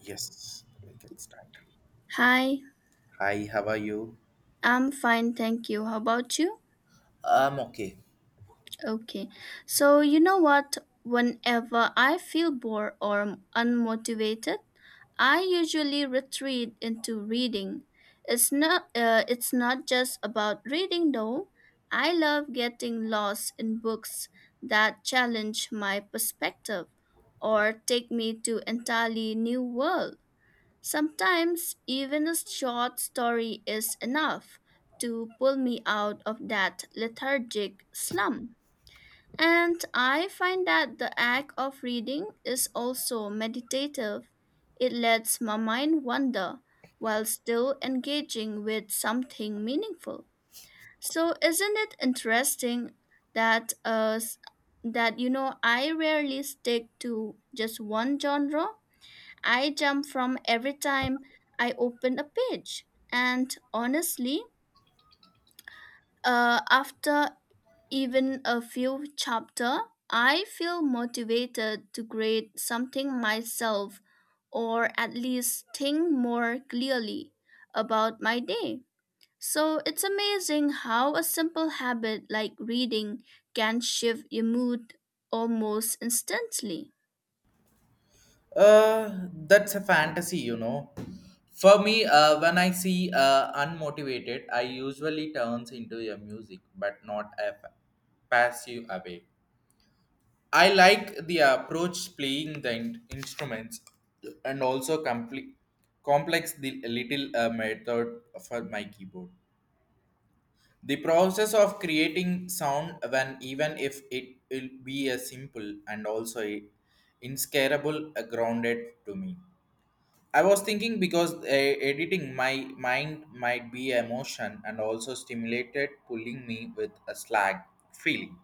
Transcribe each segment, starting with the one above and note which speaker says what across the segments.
Speaker 1: Yes, we can start.
Speaker 2: Hi,
Speaker 1: Hi, how are you?
Speaker 2: I'm fine, thank you. How about you?
Speaker 1: Okay.
Speaker 2: Okay. So, you know what? Whenever I feel bored or unmotivated, I usually retreat into reading. It's not just about reading though. I love getting lost in books that challenge my perspective or take me to entirely new world. Sometimes even a short story is enough to pull me out of that lethargic slump. And I find that the act of reading is also meditative. It lets my mind wander while still engaging with something meaningful. So isn't it interesting that that you know I rarely stick to just one genre? I jump from every time I open a page. And honestly, after even a few chapter, I feel motivated to create something myself or at least think more clearly about my day. So it's amazing how a simple habit like reading can shift your mood almost instantly.
Speaker 1: That's a fantasy. For me, when I see unmotivated, I usually turns into a music, but not a passive away. I like the approach playing the instruments and also complete complex the little method for my keyboard. The process of creating sound, when even if it will be a simple and also a inscarable a grounded to me. I was thinking because editing my mind might be emotion and also stimulated, pulling me with a slag feeling.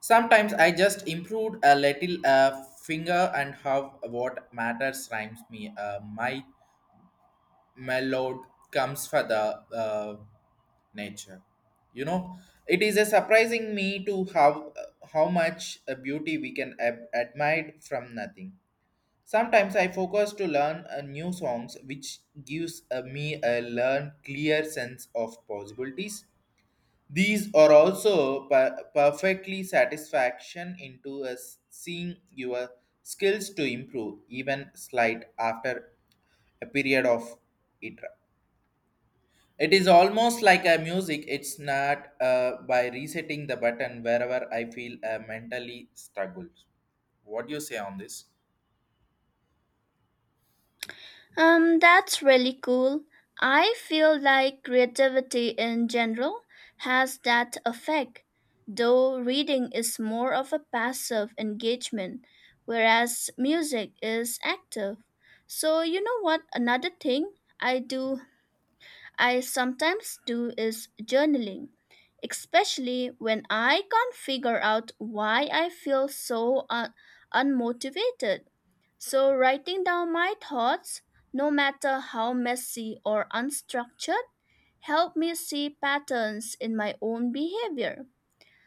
Speaker 1: Sometimes I just improved a little finger and have what matters rhymes me my lord comes for the nature you know it is a surprising me to how much beauty we can admire from nothing. Sometimes I focus to learn new songs which gives me a learn clear sense of possibilities. These are also perfectly satisfaction into us seeing your skills to improve even slight after a period of it it is almost like a music. It's not by resetting the button wherever I feel mentally struggled. What do you say on this?
Speaker 2: That's really cool. I feel like creativity in general has that effect, though reading is more of a passive engagement, whereas music is active. So, you know what? Another thing I do, I sometimes do is journaling, especially when I can't figure out why I feel unmotivated. So, writing down my thoughts, no matter how messy or unstructured, help me see patterns in my own behavior.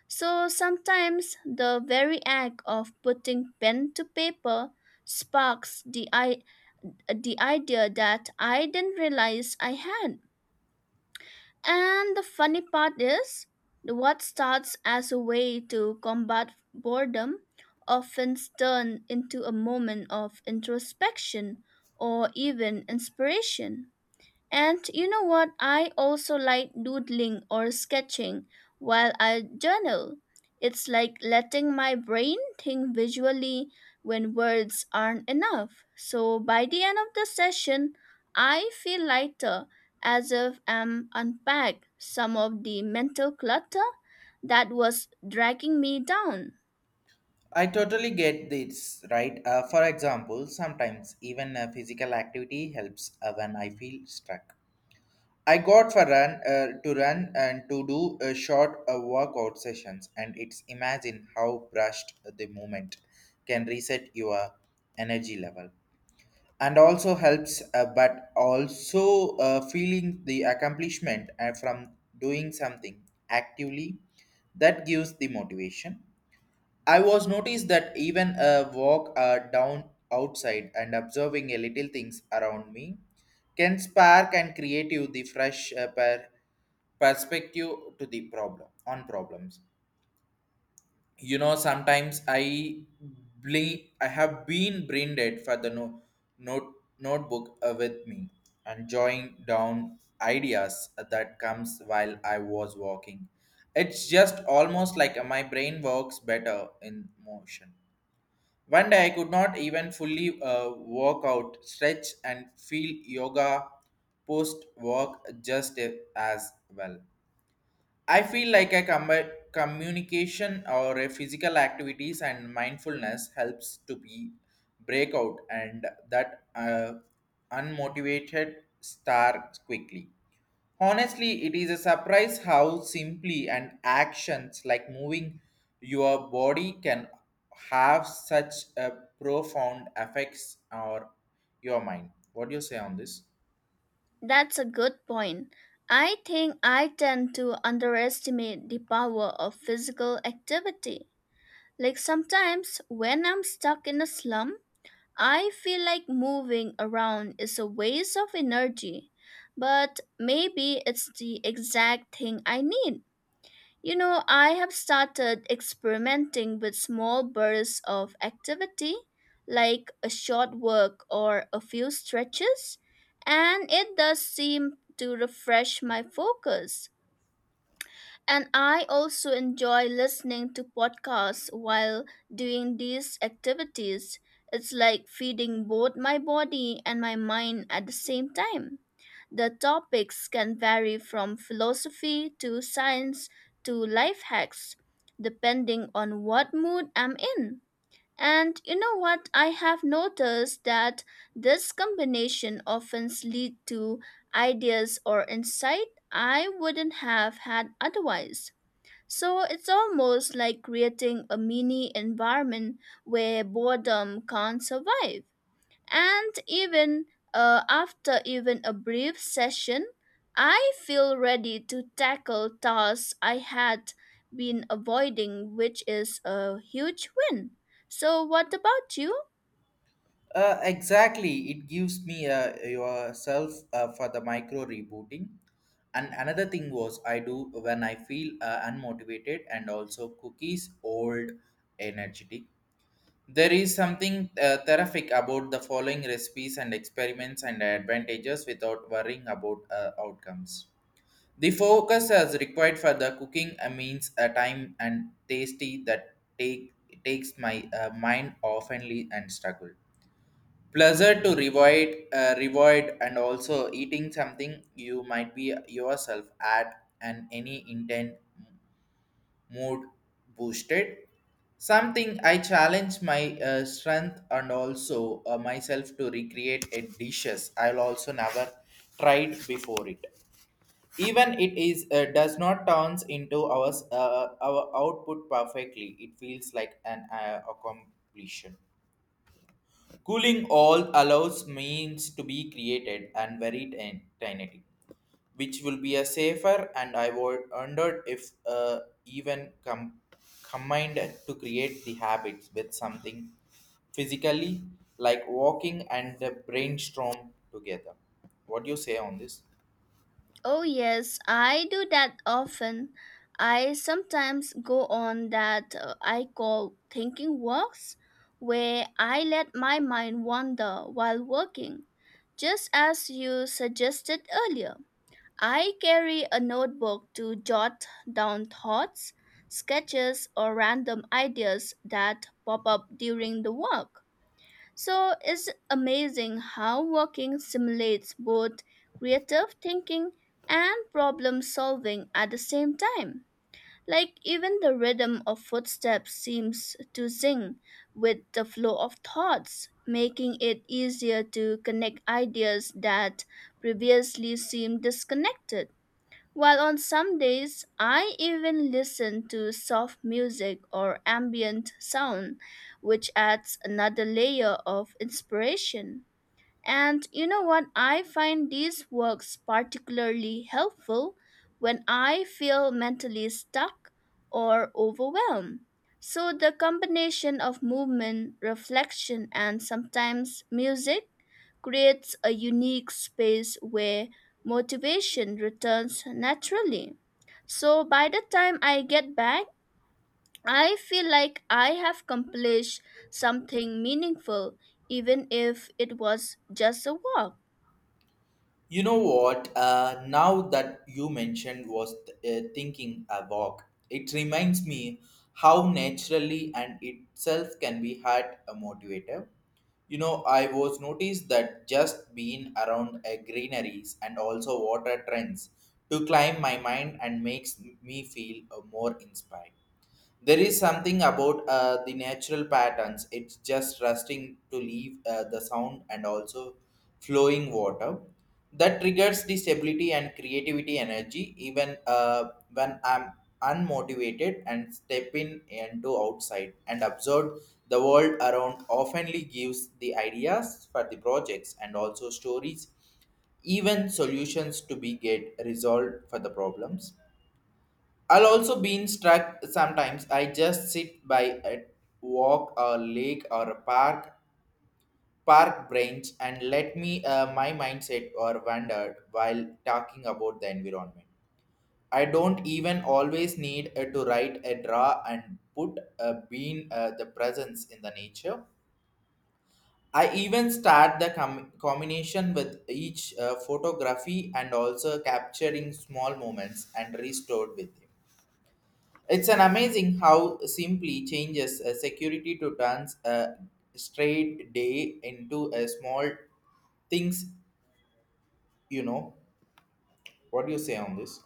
Speaker 2: So, sometimes the very act of putting pen to paper sparks the idea that I didn't realize I had. And the funny part is, what starts as a way to combat boredom often turns into a moment of introspection or even inspiration. And you know what? I also like doodling or sketching while I journal. It's like letting my brain think visually when words aren't enough. So by the end of the session, I feel lighter as if I'm unpacked some of the mental clutter that was dragging me down.
Speaker 1: I totally get this, right? For example, sometimes even physical activity helps when I feel stuck. I got for run, to run and to do a short workout sessions, and it's imagine how brushed the movement can reset your energy level, and also helps, but also feeling the accomplishment from doing something actively that gives the motivation. I was noticed that even a walk down outside and observing a little things around me can spark and create you the fresh perspective to the problem on problems. Sometimes I have been brain dead for the notebook with me, and jotting down ideas that comes while I was walking. It's just almost like, my brain works better in motion. One day I could not even fully walk out stretch and feel yoga post walk just as well. I feel like a communication or a physical activities and mindfulness helps to be breakout and that unmotivated star quickly. Honestly, it is a surprise how simply and actions like moving your body can have such a profound effects on your mind. What do you say on this?
Speaker 2: That's a good point. I think I tend to underestimate the power of physical activity. Like sometimes when I'm stuck in a slum, I feel like moving around is a waste of energy, but maybe it's the exact thing I need. You know, I have started experimenting with small bursts of activity, like a short walk or a few stretches, and it does seem to refresh my focus. And I also enjoy listening to podcasts while doing these activities. It's like feeding both my body and my mind at the same time. The topics can vary from philosophy to science to life hacks, depending on what mood I'm in. And you know what? I have noticed that this combination often lead to ideas or insight I wouldn't have had otherwise. So it's almost like creating a mini environment where boredom can't survive. And even after even a brief session, I feel ready to tackle tasks I had been avoiding, which is a huge win. So, what about you?
Speaker 1: Exactly, it gives me yourself for the micro rebooting. And another thing was I do when I feel unmotivated and also cookies old energetic. There is something terrific about the following recipes and experiments and advantages without worrying about outcomes. The focus as required for the cooking means a time and tasty that takes my mind oftenly and struggle pleasure to revoid and also eating something you might be yourself at and any intent mood boosted. Something I challenge my strength and also myself to recreate a dishes I'll also never tried before it, even it is, does not turns into our output perfectly. It feels like an accomplishment. Cooling all allows means to be created and very tiny, which will be a safer, and I would wondered if even combined to create the habits with something physically like walking and the brainstorm together. What do you say on this?
Speaker 2: Oh, yes, I do that often. I sometimes go on that I call thinking walks, where I let my mind wander while working, just as you suggested earlier. I carry a notebook to jot down thoughts, sketches, or random ideas that pop up during the walk. So it's amazing how walking simulates both creative thinking and problem solving at the same time. Like even the rhythm of footsteps seems to sing with the flow of thoughts, making it easier to connect ideas that previously seemed disconnected. While on some days I even listen to soft music or ambient sound, which adds another layer of inspiration. And you know what? I find these works particularly helpful when I feel mentally stuck or overwhelmed. So the combination of movement, reflection, and sometimes music creates a unique space where motivation returns naturally. So by the time I get back, I feel like I have accomplished something meaningful, even if it was just a walk.
Speaker 1: You know what? Now that you mentioned was thinking a walk, it reminds me how naturally and itself can be had a motivator. You know, I was noticed that just being around greeneries and also water trends to climb my mind and makes me feel more inspired. There is something about the natural patterns. It's just rusting to leave the sound and also flowing water that triggers the stability and creativity energy even when I'm unmotivated, and step in and do outside and observe the world around oftenly gives the ideas for the projects and also stories, even solutions to be get resolved for the problems I'll also been struck sometimes. I just sit by a walk or lake or a park bench and let me, my mindset or wander while talking about the environment. I don't even always need to write a draw and put a bean, the presence in the nature. I even start the combination with each photography and also capturing small moments and restored with him. It's an amazing how simply changes a security to turns a straight day into a small things. You know, what do you say on this?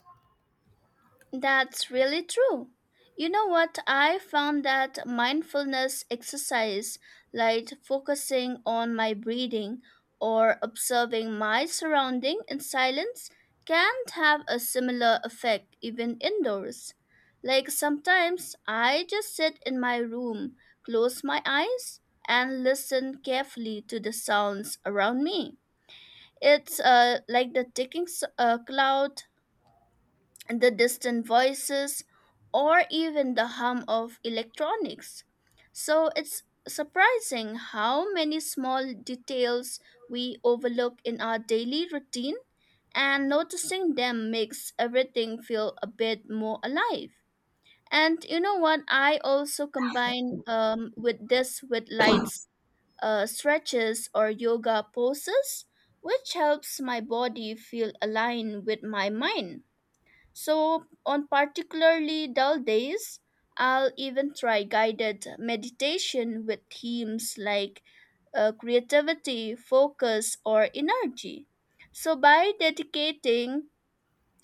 Speaker 2: That's really true. You know what? I found that mindfulness exercise, like focusing on my breathing or observing my surrounding in silence, can have a similar effect even indoors. Like sometimes I just sit in my room, close my eyes, and listen carefully to the sounds around me. It's like the clock, the distant voices, or even the hum of electronics. So it's surprising how many small details we overlook in our daily routine, and noticing them makes everything feel a bit more alive. And you know what? I also combine with this with lights, stretches, or yoga poses, which helps my body feel aligned with my mind. So, on particularly dull days, I'll even try guided meditation with themes like creativity, focus, or energy. So, by dedicating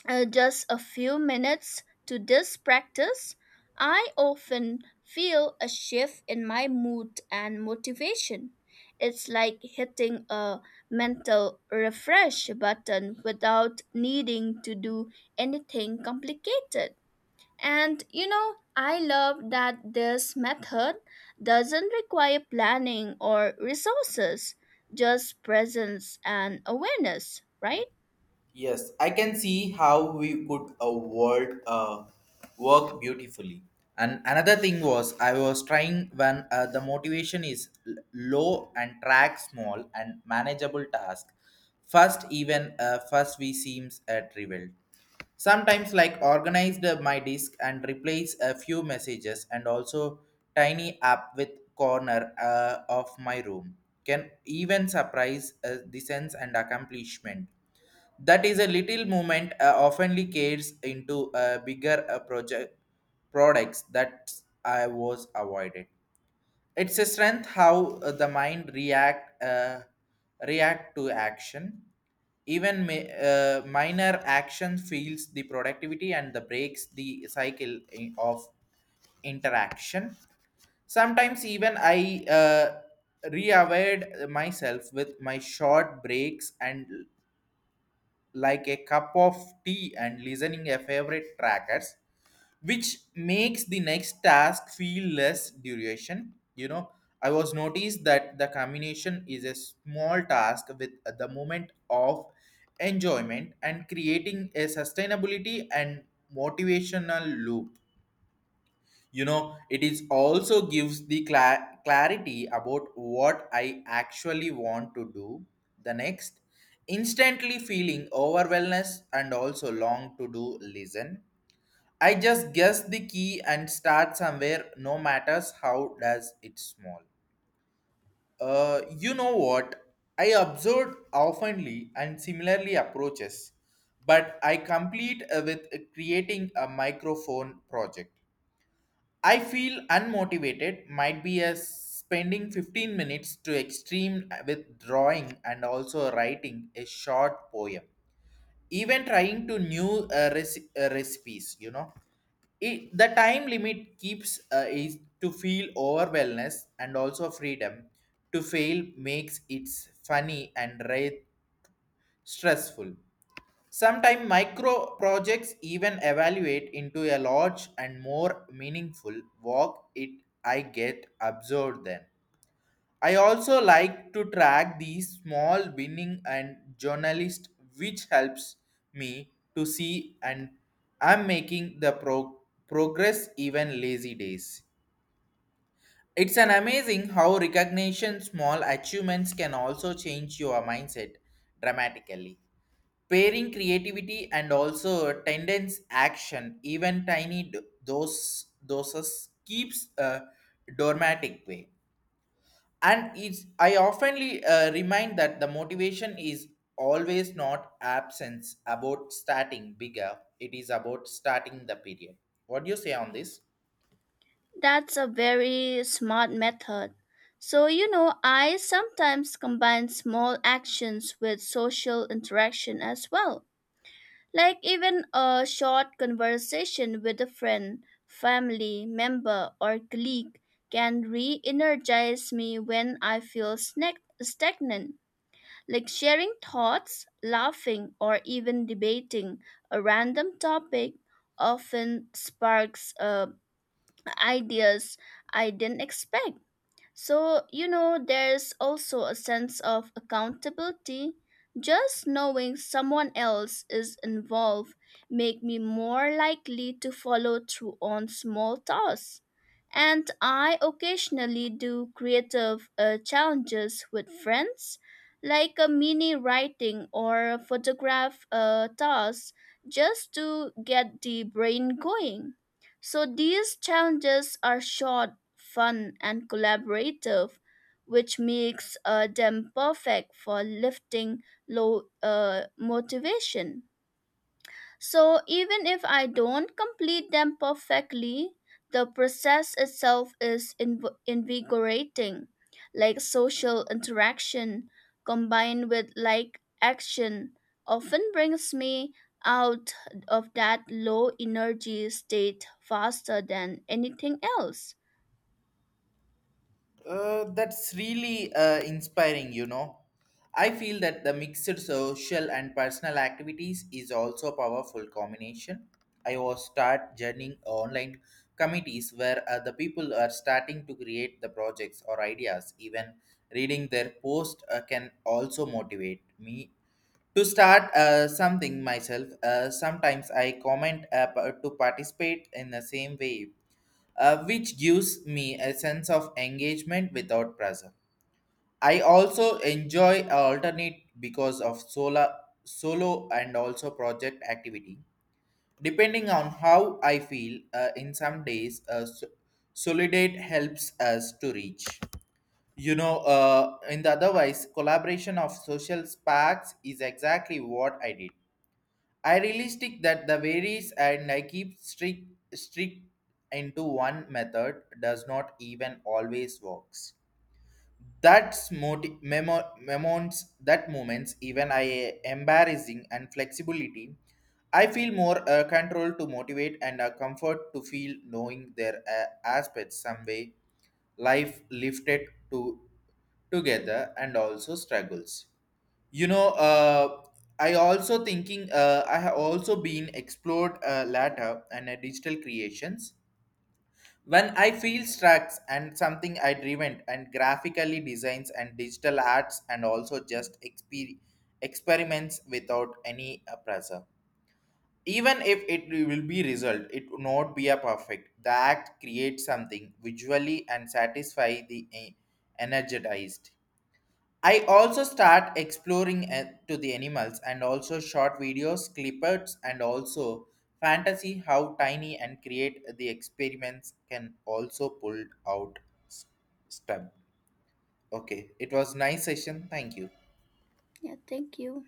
Speaker 2: just a few minutes to this practice, I often feel a shift in my mood and motivation. It's like hitting a mental refresh button without needing to do anything complicated. And you know, I love that this method doesn't require planning or resources, just presence and awareness, right?
Speaker 1: Yes, I can see how we could a world work beautifully. And another thing was I was trying, when the motivation is low, and track small and manageable task. First, even first we seems trivial. Sometimes like organized my disk and replace a few messages and also tiny app with corner of my room can even surprise the sense and accomplishment, that is a little movement oftenly cares into a bigger project products that I was avoided. It's a strength how the mind react, to action. Even minor action feels the productivity and the breaks the cycle of interaction. Sometimes even I reaware myself with my short breaks and like a cup of tea and listening a favorite trackers, which makes the next task feel less duration. I was noticed that the combination is a small task with the moment of enjoyment and creating a sustainability and motivational loop. It is also gives the clarity about what I actually want to do the next, instantly feeling overwhelmness and also long to do listen. I just guess the key and start somewhere, no matters how does it small. You know what, I observed oftenly and similarly approaches, but I complete with creating a microphone project. I feel unmotivated might be as spending 15 minutes to extreme with drawing and also writing a short poem. Even trying to new recipes, It, the time limit keeps is to feel overwhelmed, and also freedom to fail makes it funny and stressful. Sometimes micro projects even evaluate into a large and more meaningful work it I get absorbed then. I also like to track these small winning and journalist, which helps me to see and I'm making the progress even lazy days. It's an amazing how recognition small achievements can also change your mindset dramatically, pairing creativity and also tendence action even tiny doses keeps a dramatic way. And it's I oftenly remind that the motivation is always not absence about starting bigger, it is about starting the period. What do you say on this?
Speaker 2: That's a very smart method. So, you know, I sometimes combine small actions with social interaction as well, like even a short conversation with a friend, family member, or colleague can re energize me when I feel stagnant. Like sharing thoughts, laughing, or even debating a random topic often sparks a ideas I didn't expect. So, you know, there's also a sense of accountability. Just knowing someone else is involved make me more likely to follow through on small tasks. And I occasionally do creative challenges with friends, like a mini writing or photograph task, just to get the brain going. So these challenges are short fun, and collaborative, which makes them perfect for lifting low motivation. So even if I don't complete them perfectly, the process itself is invigorating, like social interaction combined with like action often brings me out of that low energy state faster than anything else.
Speaker 1: That's really inspiring. I feel that the mixed social and personal activities is also a powerful combination. I was start joining online committees where the people are starting to create the projects or ideas. Even reading their post can also motivate me to start something myself. Sometimes I comment to participate in the same way, which gives me a sense of engagement without pressure. I also enjoy alternate because of solo and also project activity. Depending on how I feel, in some days, Solidate helps us to reach. You know, in the otherwise, collaboration of social sparks is exactly what I did. I realistic that the varies, and I keep strict into one method does not even always works. That's moments, that moments even I embarrassing and flexibility. I feel more control to motivate, and a comfort to feel knowing their aspects some way life lifted to together and also struggles you know uh, I also thinking, I have also been explored latter and digital creations. When I feel struck, and something I driven and graphically designs and digital arts and also just experiments without any pressure, even if it will be result it would not be a perfect. The act creates something visually and satisfy the energized. I also start exploring to the animals and also short videos, clippers, and also fantasy how tiny and create the experiments can also pull out s- stub. Okay, it was nice session. Thank you.
Speaker 2: Yeah, thank you.